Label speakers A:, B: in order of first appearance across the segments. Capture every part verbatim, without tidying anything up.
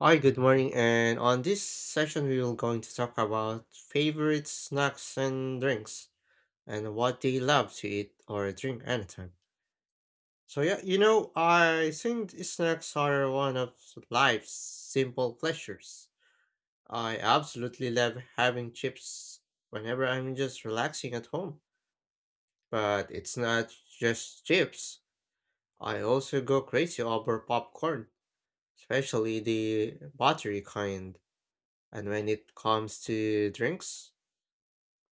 A: Hi, good morning. And on this session, we will going to talk about favorite snacks and drinks and what they love to eat or drink anytime. So yeah, you know, I think the snacks are one of life's simple pleasures. I absolutely love having chips whenever I'm just relaxing at home. But it's not just chips. I also go crazy over popcorn, especially the buttery kind. And when it comes to drinks,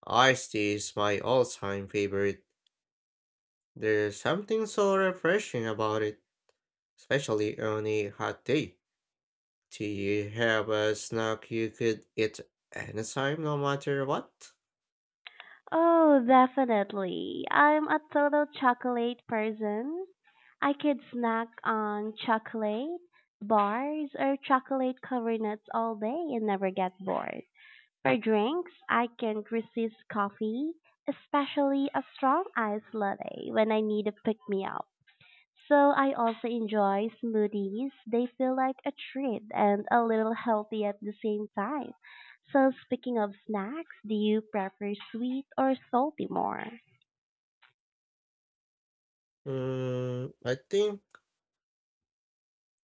A: iced tea is my all-time favorite. There's something so refreshing about it, especially on a hot day. Do you have a snack you could eat anytime, no matter what?
B: Oh, definitely. I'm a total chocolate person. I could snack on chocolate bars or chocolate covered nuts all day and never get bored. For drinks, I can't resist coffee, especially a strong iced latte when I need a pick me up. So I also enjoy smoothies. They feel like a treat and a little healthy at the same time. So speaking of snacks, do you prefer sweet or salty more?
A: Mm, I think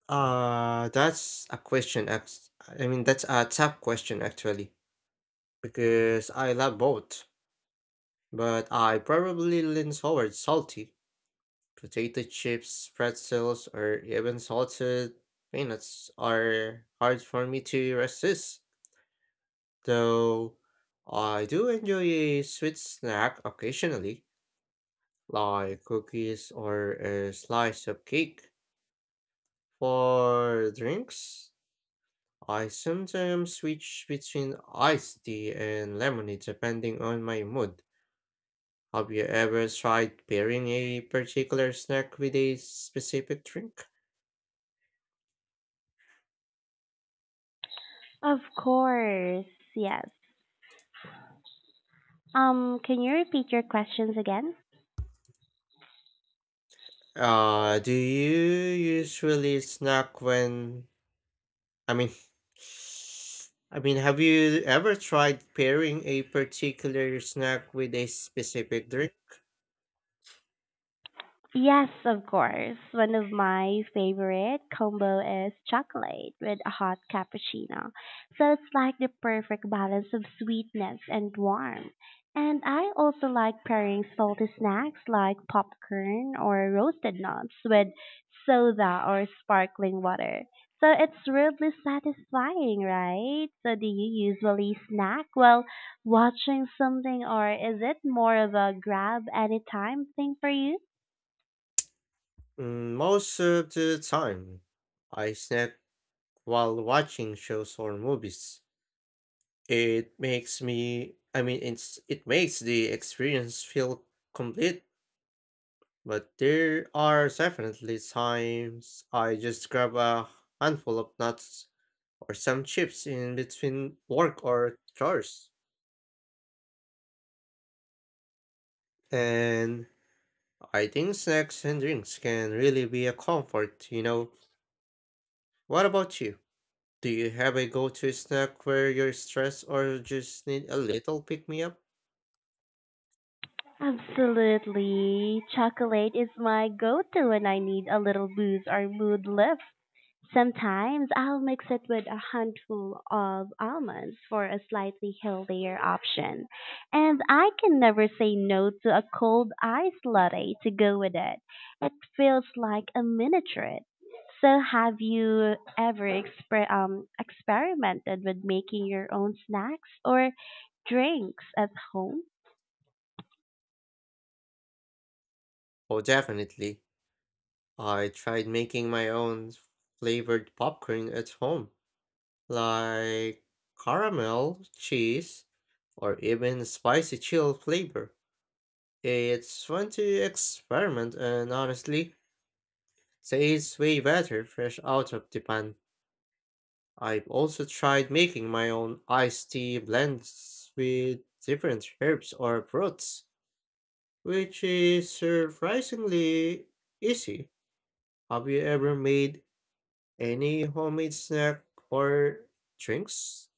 A: uh that's a question. act- I mean, that's a tough question actually, because I love both, but I probably lean towards salty. Potato chips, pretzels, or even salted peanuts are hard for me to resist, though I do enjoy a sweet snack occasionally, like cookies or a slice of cake. For drinks, I sometimes switch between iced tea and lemonade depending on my mood. Have you ever tried pairing a particular snack with a specific drink?
B: Of course, yes. Um, can you repeat your questions again?
A: Uh, do you usually snack when, I mean, I mean, have you ever tried pairing a particular snack with a specific drink?
B: Yes, of course. One of my favorite combo is chocolate with a hot cappuccino. So it's like the perfect balance of sweetness and warmth. And I also like pairing salty snacks like popcorn or roasted nuts with soda or sparkling water. So it's really satisfying, right? So do you usually snack while watching something or is it more of a grab anytime thing for you?
A: Mm, Most of the time, I snack while watching shows or movies. It makes me, I mean, it's it makes the experience feel complete, but there are definitely times I just grab a handful of nuts or some chips in between work or chores. And I think snacks and drinks can really be a comfort, you know. What about you? Do you have a go to snack where you're stressed or just need a little pick me up?
B: Absolutely. Chocolate is my go to when I need a little boost or mood lift. Sometimes I'll mix it with a handful of almonds for a slightly healthier option. And I can never say no to a cold iced latte to go with it. It feels like a mini treat. So, have you ever exper- um, experimented with making your own snacks or drinks at home?
A: Oh, definitely. I tried making my own flavored popcorn at home, like caramel, cheese, or even spicy chill flavor. It's fun to experiment, and honestly, tastes way better fresh out of the pan. I've also tried making my own iced tea blends with different herbs or fruits, which is surprisingly easy. Have you ever made any homemade snack or drinks?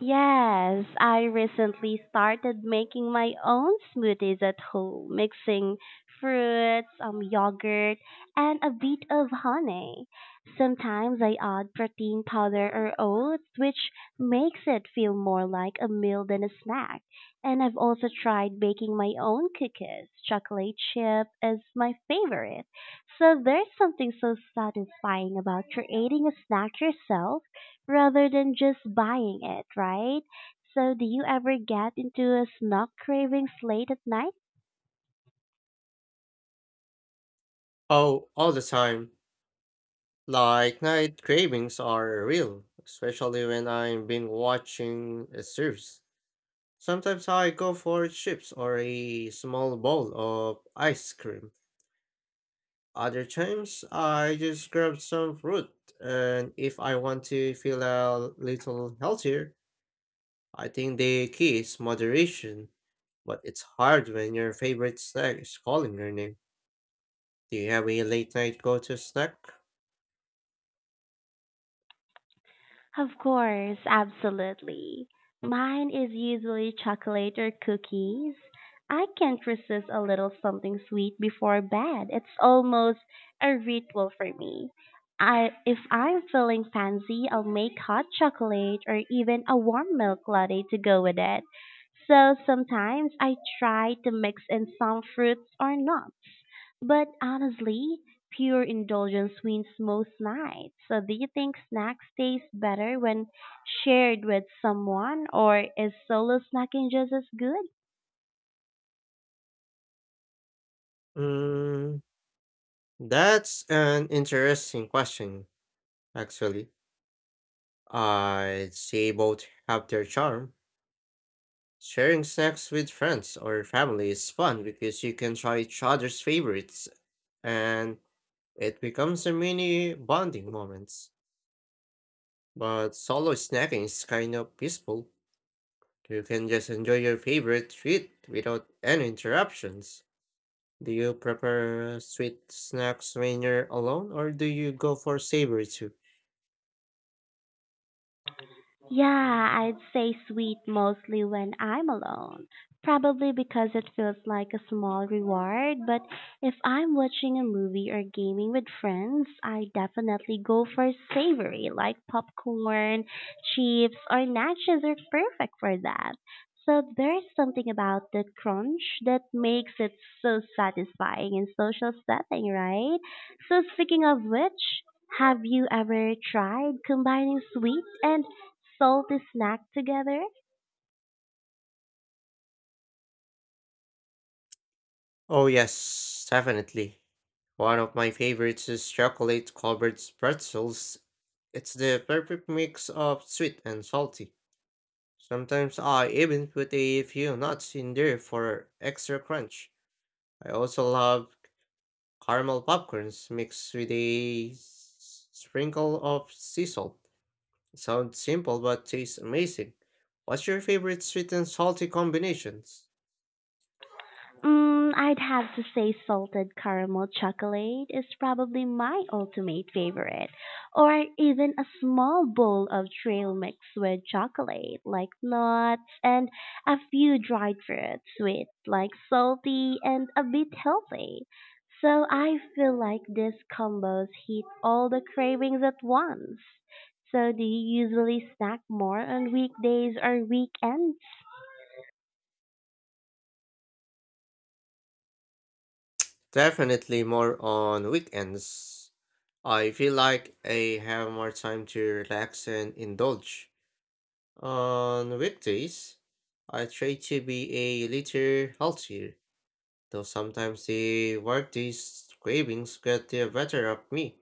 B: Yes, I recently started making my own smoothies at home, mixing fruits, um, yogurt, and a bit of honey. Sometimes I add protein powder or oats, which makes it feel more like a meal than a snack. And I've also tried baking my own cookies. Chocolate chip is my favorite. So there's something so satisfying about creating a snack yourself rather than just buying it, right? So do you ever get into a snack cravings late at night?
A: Oh, all the time. Like night cravings are real, especially when I am been watching a series. Sometimes I go for chips or a small bowl of ice cream. Other times I just grab some fruit, and if I want to feel a little healthier, I think the key is moderation. But it's hard when your favorite snack is calling your name. Do you have a late night go to snack?
B: Of course, absolutely. Mine is usually chocolate or cookies. I can't resist a little something sweet before bed. It's almost a ritual for me. I, if I'm feeling fancy, I'll make hot chocolate or even a warm milk latte to go with it. So sometimes I try to mix in some fruits or nuts. But honestly, pure indulgence wins most nights. So, do you think snacks taste better when shared with someone, or is solo snacking just as good?
A: Mm, that's an interesting question, actually. I'd say both have their charm. Sharing snacks with friends or family is fun because you can try each other's favorites and it becomes a mini bonding moments. But solo snacking is kind of peaceful. You can just enjoy your favorite treat without any interruptions. Do you prefer sweet snacks when you're alone or do you go for savory too?
B: Yeah, I'd say sweet mostly when I'm alone. Probably because it feels like a small reward, but if I'm watching a movie or gaming with friends, I definitely go for savory, like popcorn, chips, or nachos are perfect for that. So there's something about the crunch that makes it so satisfying in social setting, right? So speaking of which, have you ever tried combining sweet and salty snack together?
A: Oh, yes, definitely. One of my favorites is chocolate covered pretzels. It's the perfect mix of sweet and salty. Sometimes I even put a few nuts in there for extra crunch. I also love caramel popcorns mixed with a s- sprinkle of sea salt. Sounds simple but tastes amazing. What's your favorite sweet and salty combinations?
B: Mm, I'd have to say salted caramel chocolate is probably my ultimate favorite. Or even a small bowl of trail mix with chocolate, like nuts, and a few dried fruits, sweet, like salty, and a bit healthy. So I feel like these combos hit all the cravings at once. So do you usually snack more on weekdays or weekends?
A: Definitely more on weekends. I feel like I have more time to relax and indulge. On weekdays, I try to be a little healthier, though sometimes the workday's cravings get the better of me.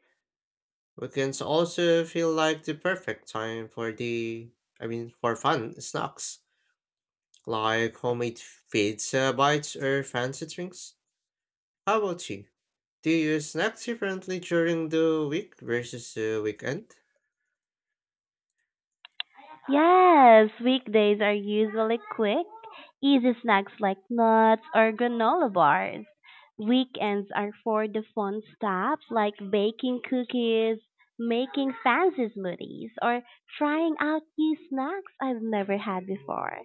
A: Weekends also feel like the perfect time for the, I mean, for fun snacks, like homemade pizza bites or fancy drinks. How about you? Do you snack differently during the week versus the weekend?
B: Yes, weekdays are usually quick, easy snacks like nuts or granola bars. Weekends are for the fun stuff like baking cookies, making fancy smoothies, or trying out new snacks I've never had before.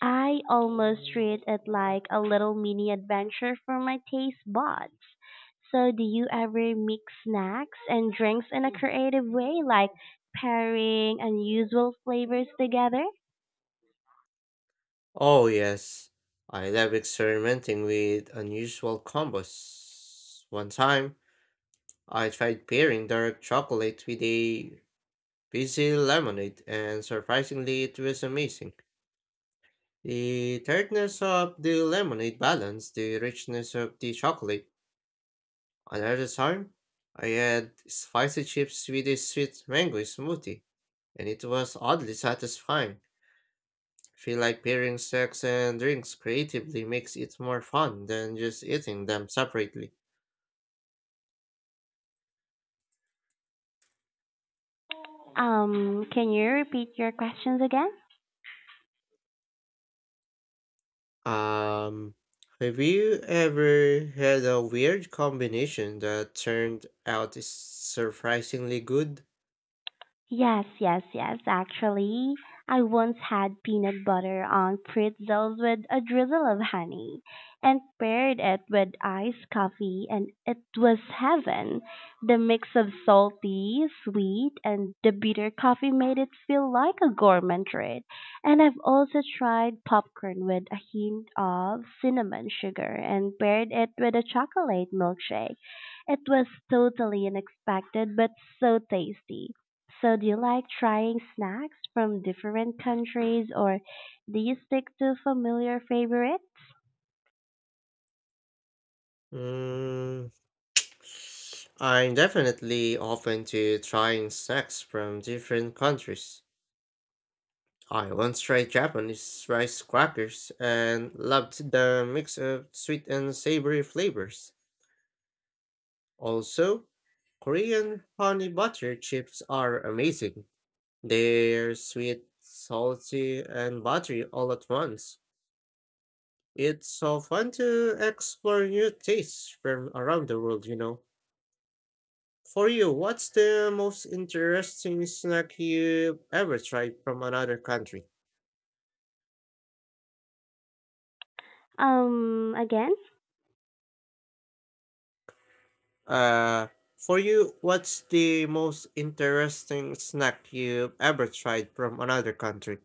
B: I almost treat it like a little mini adventure for my taste buds. So, do you ever mix snacks and drinks in a creative way, like pairing unusual flavors together?
A: Oh, yes. I love experimenting with unusual combos. One time, I tried pairing dark chocolate with a fizzy lemonade, and surprisingly, it was amazing. The tartness of the lemonade balanced the richness of the chocolate. Another time, I had spicy chips with a sweet mango smoothie, and it was oddly satisfying. I feel like pairing snacks and drinks creatively makes it more fun than just eating them separately.
B: Um, can you repeat your questions again?
A: Um, have you ever had a weird combination that turned out is surprisingly good?
B: Yes, yes, yes. Actually, I once had peanut butter on pretzels with a drizzle of honey and paired it with iced coffee, and it was heaven. The mix of salty, sweet, and the bitter coffee made it feel like a gourmet treat. And I've also tried popcorn with a hint of cinnamon sugar and paired it with a chocolate milkshake. It was totally unexpected but so tasty. So do you like trying snacks from different countries or do you stick to familiar favorites?
A: Mm, I'm definitely open to trying snacks from different countries. I once tried Japanese rice crackers and loved the mix of sweet and savory flavors. Also, Korean honey butter chips are amazing. They're sweet, salty, and buttery all at once. It's so fun to explore new tastes from around the world, you know. For you, what's the most interesting snack you ever tried from another country?
B: Um again?
A: Uh, for you, what's the most interesting snack you've ever tried from another country?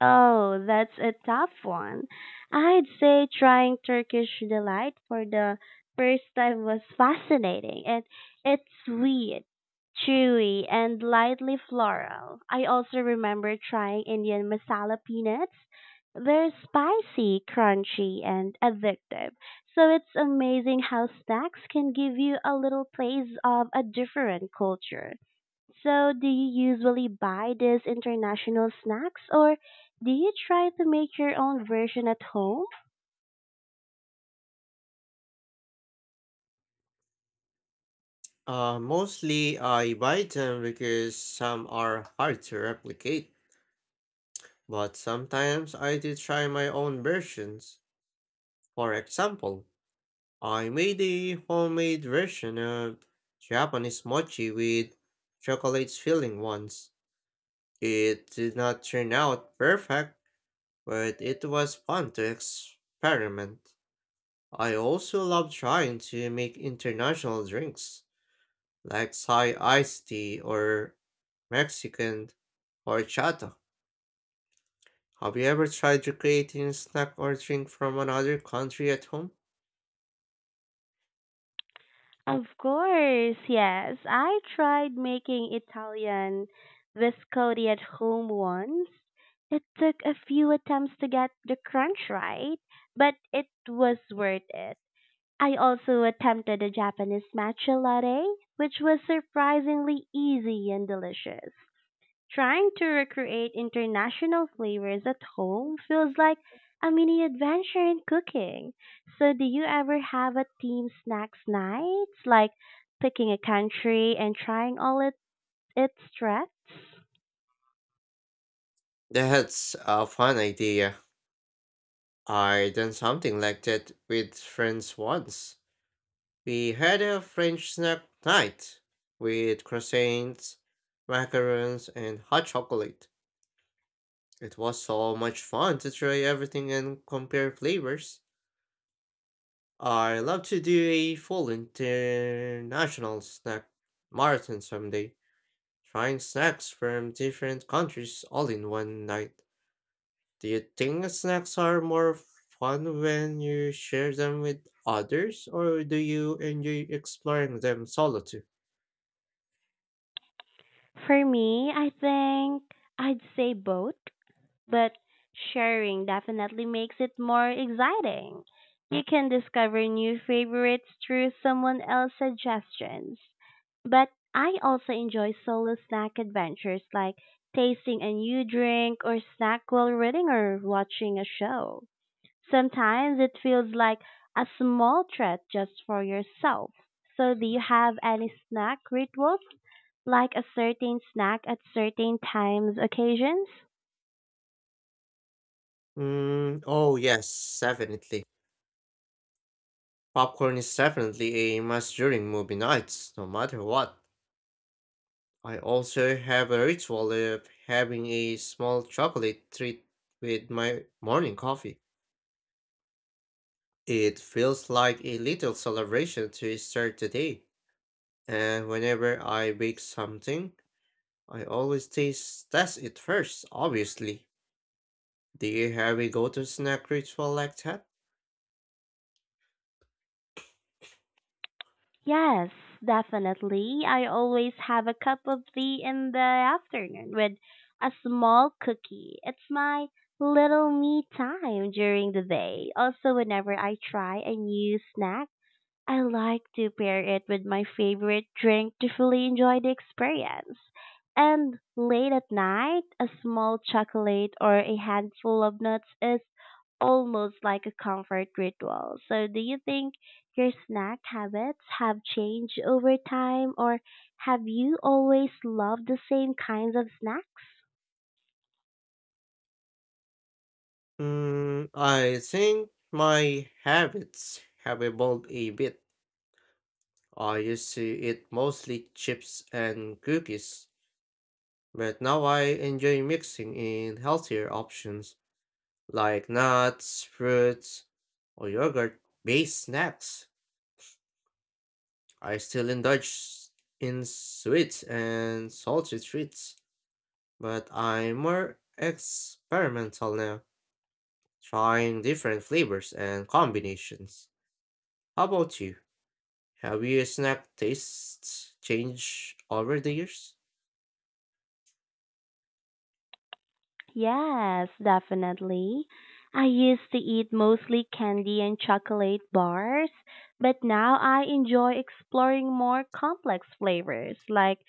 B: Oh, that's a tough one. I'd say trying Turkish delight for the first time was fascinating. It it's sweet, chewy, and lightly floral. I also remember trying Indian masala peanuts. They're spicy, crunchy, and addictive. So it's amazing how snacks can give you a little taste of a different culture. So, do you usually buy these international snacks or do you try to make your own version at home?
A: Uh, mostly I buy them because some are hard to replicate, but sometimes I do try my own versions. For example, I made a homemade version of Japanese mochi with chocolate filling once. It did not turn out perfect, but it was fun to experiment. I also love trying to make international drinks. Like Thai iced tea or Mexican horchata. Have you ever tried to creating a snack or drink from another country at home?
B: Of course, yes. I tried making Italian biscotti at home once. It took a few attempts to get the crunch right, but it was worth it. I also attempted a Japanese matcha latte, which was surprisingly easy and delicious. Trying to recreate international flavors at home feels like a mini adventure in cooking. So, do you ever have a team snacks night? Like picking a country and trying all it, its threats?
A: That's a fun idea. I done something like that with friends once. We had a French snack night with croissants, macarons, and hot chocolate. It was so much fun to try everything and compare flavors. I love to do a full international snack marathon someday, trying snacks from different countries all in one night. Do you think snacks are more fun when you share them with others, or do you enjoy exploring them solo too?
B: For me, I think I'd say both, but sharing definitely makes it more exciting. You can discover new favorites through someone else's suggestions. But I also enjoy solo snack adventures like tasting a new drink or snack while reading or watching a show. Sometimes it feels like a small treat just for yourself. So, do you have any snack rituals, like a certain snack at certain times, occasions?
A: Mm, oh yes, definitely. Popcorn is definitely a must during movie nights, no matter what. I also have a ritual of having a small chocolate treat with my morning coffee. It feels like a little celebration to start the day. And whenever I bake something, I always taste test it first, obviously. Do you have a go-to snack ritual like that?
B: Yes, definitely. I always have a cup of tea in the afternoon with a small cookie. It's my little me time during the day. Also, whenever I try a new snack, I like to pair it with my favorite drink to fully enjoy the experience. And late at night, a small chocolate or a handful of nuts is almost like a comfort ritual. So, do you think your snack habits have changed over time, or have you always loved the same kinds of snacks?
A: Mm, I think my habits have evolved a bit. I used to eat mostly chips and cookies. But now I enjoy mixing in healthier options like nuts, fruits, or yogurt based snacks. I still indulge s- in sweets and salty treats, but I'm more experimental now, trying different flavors and combinations. How about you? Have your snack tastes changed over the years?
B: Yes, definitely. I used to eat mostly candy and chocolate bars, but now I enjoy exploring more complex flavors like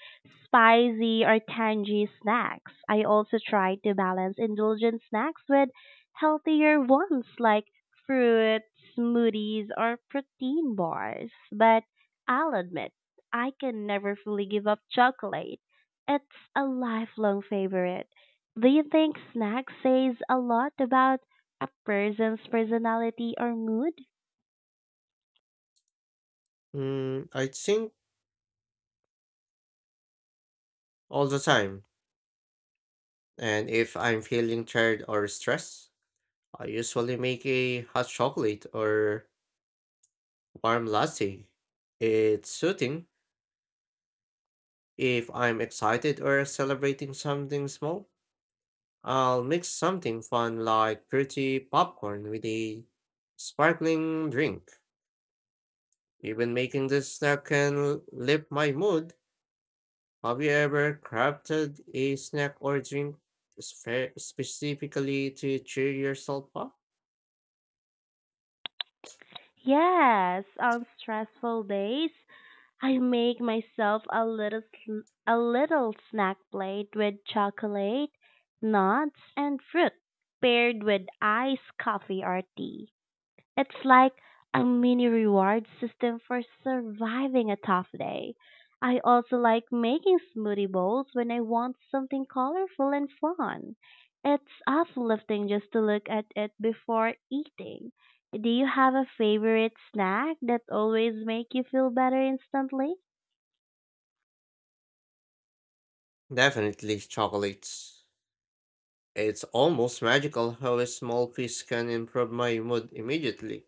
B: spicy or tangy snacks. I also try to balance indulgent snacks with healthier ones like fruit, smoothies, or protein bars. But I'll admit, I can never fully give up chocolate. It's a lifelong favorite. Do you think snacks says a lot about a person's personality or mood?
A: Mm, I think all the time. And if I'm feeling tired or stressed, I usually make a hot chocolate or warm latte. It's soothing. If I'm excited or celebrating something small, I'll mix something fun like pretty popcorn with a sparkling drink. Even making this snack can lift my mood. Have you ever crafted a snack or drink spe- specifically to cheer yourself up?
B: Yes, on stressful days, I make myself a little sl- a little snack plate with chocolate, nuts, and fruit paired with iced coffee or tea. It's like a mini reward system for surviving a tough day. I also like making smoothie bowls when I want something colorful and fun. It's uplifting just to look at it before eating. Do you have a favorite snack that always make you feel better instantly?
A: Definitely chocolates. It's almost magical how a small piece can improve my mood immediately.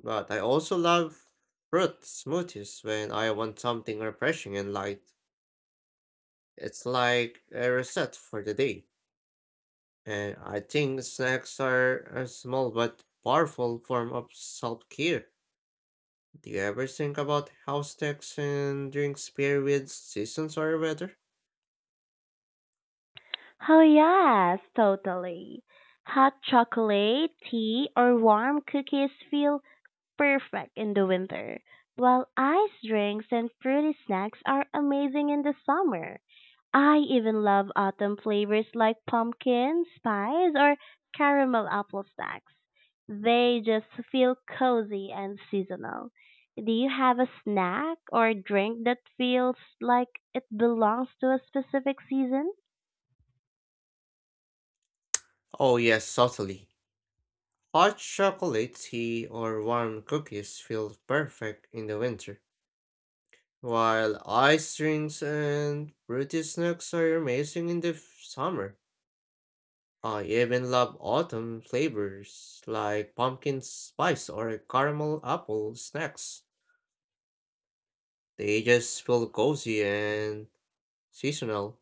A: But I also love fruit smoothies when I want something refreshing and light. It's like a reset for the day. And I think snacks are a small but powerful form of self care. Do you ever think about how snacks and drinks pair with seasons or weather?
B: Oh yes, totally. Hot chocolate, tea, or warm cookies feel perfect in the winter, while ice drinks and fruity snacks are amazing in the summer. I even love autumn flavors like pumpkin, spice, or caramel apple snacks. They just feel cozy and seasonal. Do you have a snack or drink that feels like it belongs to a specific season?
A: Oh, yes, subtly. Hot chocolate tea or warm cookies feel perfect in the winter. While ice drinks and fruity snacks are amazing in the f- summer, I even love autumn flavors like pumpkin spice or caramel apple snacks. They just feel cozy and seasonal.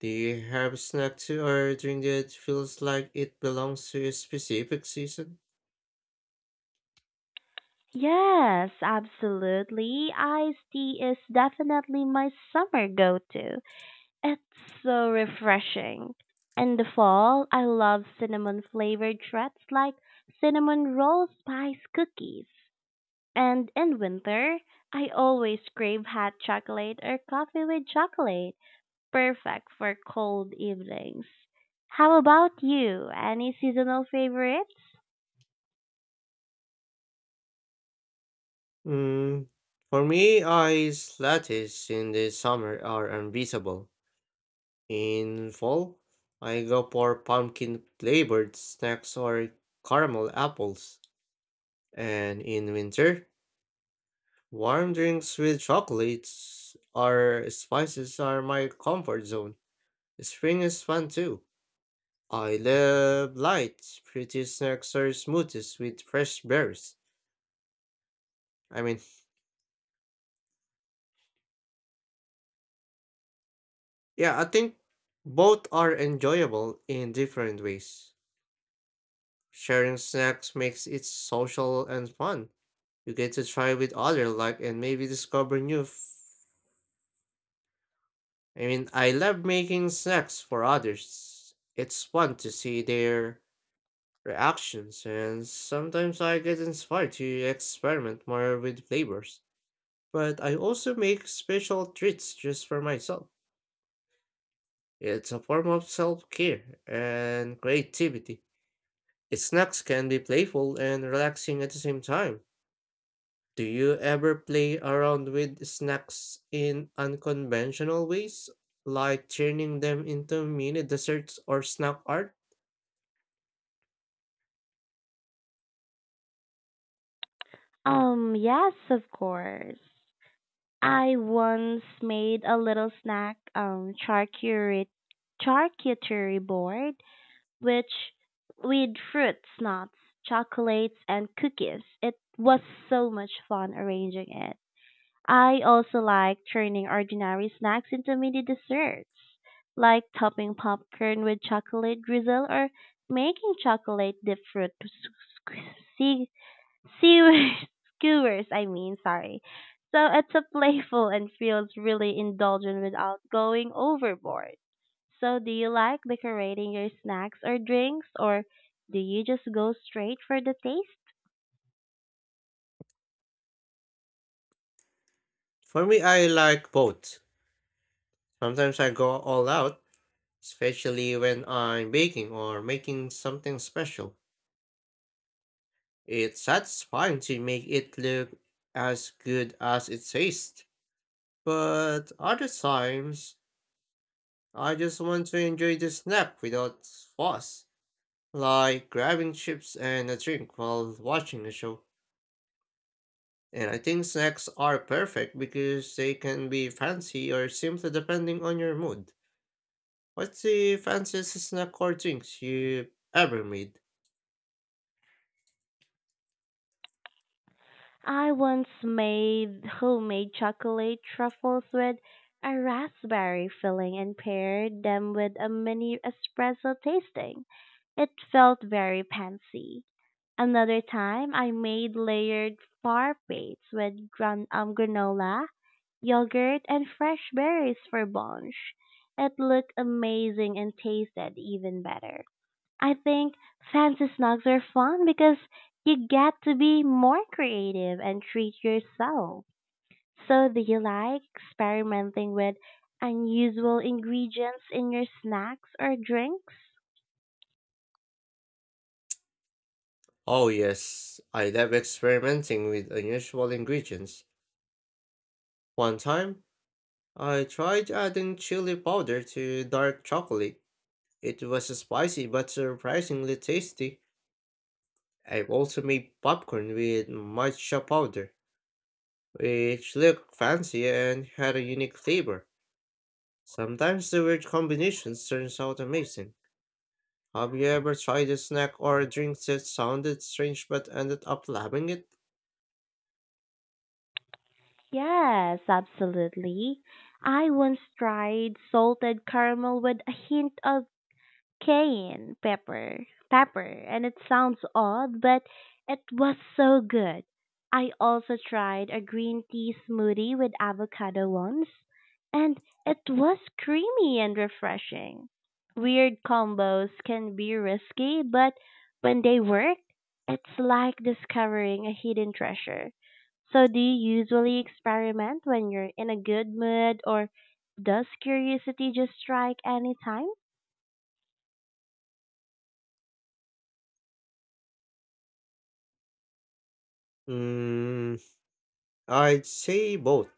A: Do you have a snack to or drink that feels like it belongs to a specific season?
B: Yes, absolutely. Iced tea is definitely my summer go to. It's so refreshing. In the fall, I love cinnamon flavored treats like cinnamon roll spice cookies. And in winter, I always crave hot chocolate or coffee with chocolate, perfect for cold evenings. How about you? Any seasonal favorites?
A: Mm, for me, ice lattes in the summer are unbeatable. In fall, I go for pumpkin flavored snacks or caramel apples. And in winter, warm drinks with chocolates or spices are my comfort zone. Spring is fun too. I love light, pretty snacks or smoothies with fresh berries. I mean, yeah, I think both are enjoyable in different ways. Sharing snacks makes it social and fun. You get to try with other luck and maybe discover new f- I mean, I love making snacks for others. It's fun to see their reactions and sometimes I get inspired to experiment more with flavors. But I also make special treats just for myself. It's a form of self-care and creativity. Snacks can be playful and relaxing at the same time. Do you ever play around with snacks in unconventional ways, like turning them into mini desserts or snack art?
B: Um, yes, of course. I once made a little snack um charcuterie charcuterie board which with fruits, nuts, chocolates, and cookies. It was so much fun arranging it. I also like turning ordinary snacks into mini desserts, like topping popcorn with chocolate drizzle or making chocolate dipped fruit s- s- Sewers, skewers, I mean, sorry. So it's a playful and feels really indulgent without going overboard. So do you like decorating your snacks or drinks or do you just go straight for the taste?
A: For me, I like both. Sometimes I go all out, especially when I'm baking or making something special. It's satisfying to make it look as good as it tastes, but other times I just want to enjoy the snack without fuss. Like grabbing chips and a drink while watching a show. And I think snacks are perfect because they can be fancy or simple depending on your mood. What's the fanciest snack or drinks you ever made?
B: I once made homemade chocolate truffles with a raspberry filling and paired them with a mini espresso tasting. It felt very fancy. Another time I made layered far plates with gran um, granola, yogurt, and fresh berries for brunch. It looked amazing and tasted even better. I think fancy snacks are fun because you get to be more creative and treat yourself. So, do you like experimenting with unusual ingredients in your snacks or drinks?
A: Oh, yes, I love experimenting with unusual ingredients. One time, I tried adding chili powder to dark chocolate. It was spicy but surprisingly tasty. I've also made popcorn with matcha powder which look fancy and had a unique flavor. Sometimes the weird combinations turns out amazing. Have you ever tried a snack or a drink that sounded strange but ended up loving it?
B: Yes, absolutely. I once tried salted caramel with a hint of cayenne pepper, pepper, and it sounds odd, but it was so good. I also tried a green tea smoothie with avocado once, and it was creamy and refreshing. Weird combos can be risky, but when they work, it's like discovering a hidden treasure. So do you usually experiment when you're in a good mood or does curiosity just strike anytime?
A: Mm, I'd say both.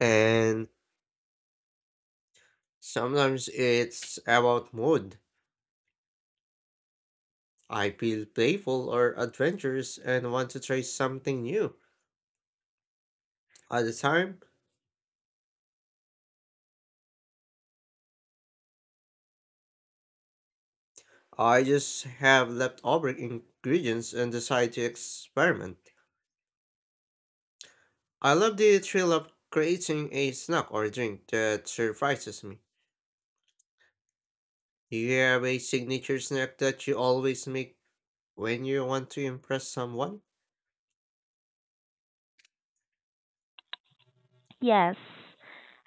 A: And sometimes it's about mood. I feel playful or adventurous and want to try something new. At the time, I just have leftover ingredients and decide to experiment. I love the thrill of creating a snack or drink that surprises me. Do you have a signature snack that you always make when you want to impress someone?
B: Yes.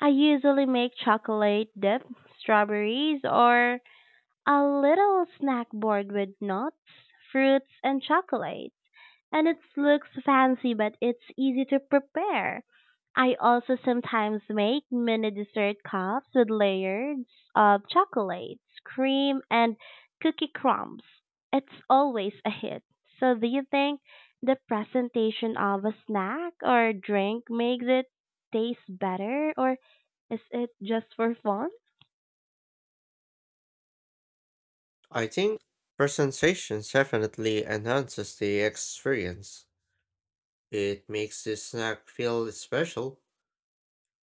B: I usually make chocolate dip, strawberries, or a little snack board with nuts, fruits, and chocolate. And it looks fancy, but it's easy to prepare. I also sometimes make mini dessert cups with layers of chocolates, cream, and cookie crumbs. It's always a hit. So, do you think the presentation of a snack or drink makes it taste better, or is it just for fun?
A: I think presentation definitely enhances the experience. It makes the snack feel special.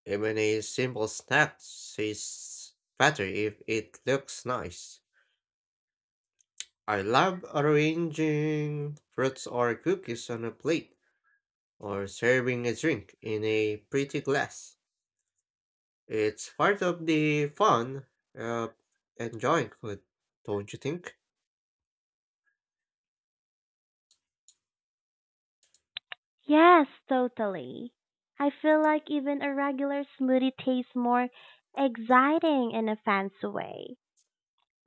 A: Even a simple snack tastes better if it looks nice. I love arranging fruits or cookies on a plate. Or serving a drink in a pretty glass. It's part of the fun of enjoying food, don't you think?
B: Yes, totally. I feel like even a regular smoothie tastes more exciting in a fancy way.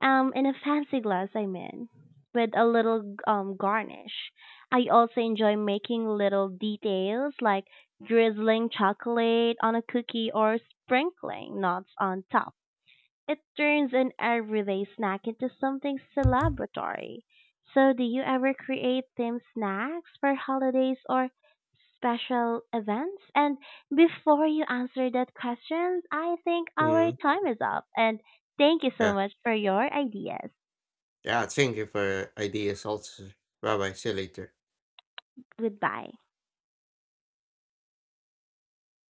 B: Um, in a fancy glass, I mean, with a little um garnish. I also enjoy making little details like drizzling chocolate on a cookie or sprinkling nuts on top. It turns an everyday snack into something celebratory. So, do you ever create themed snacks for holidays or special events? And before you answer that question, I think our
A: Mm.
B: time is up. And thank you so
A: Yeah.
B: much for your ideas.
A: Yeah, thank you for ideas also. Bye bye. See you later.
B: Goodbye.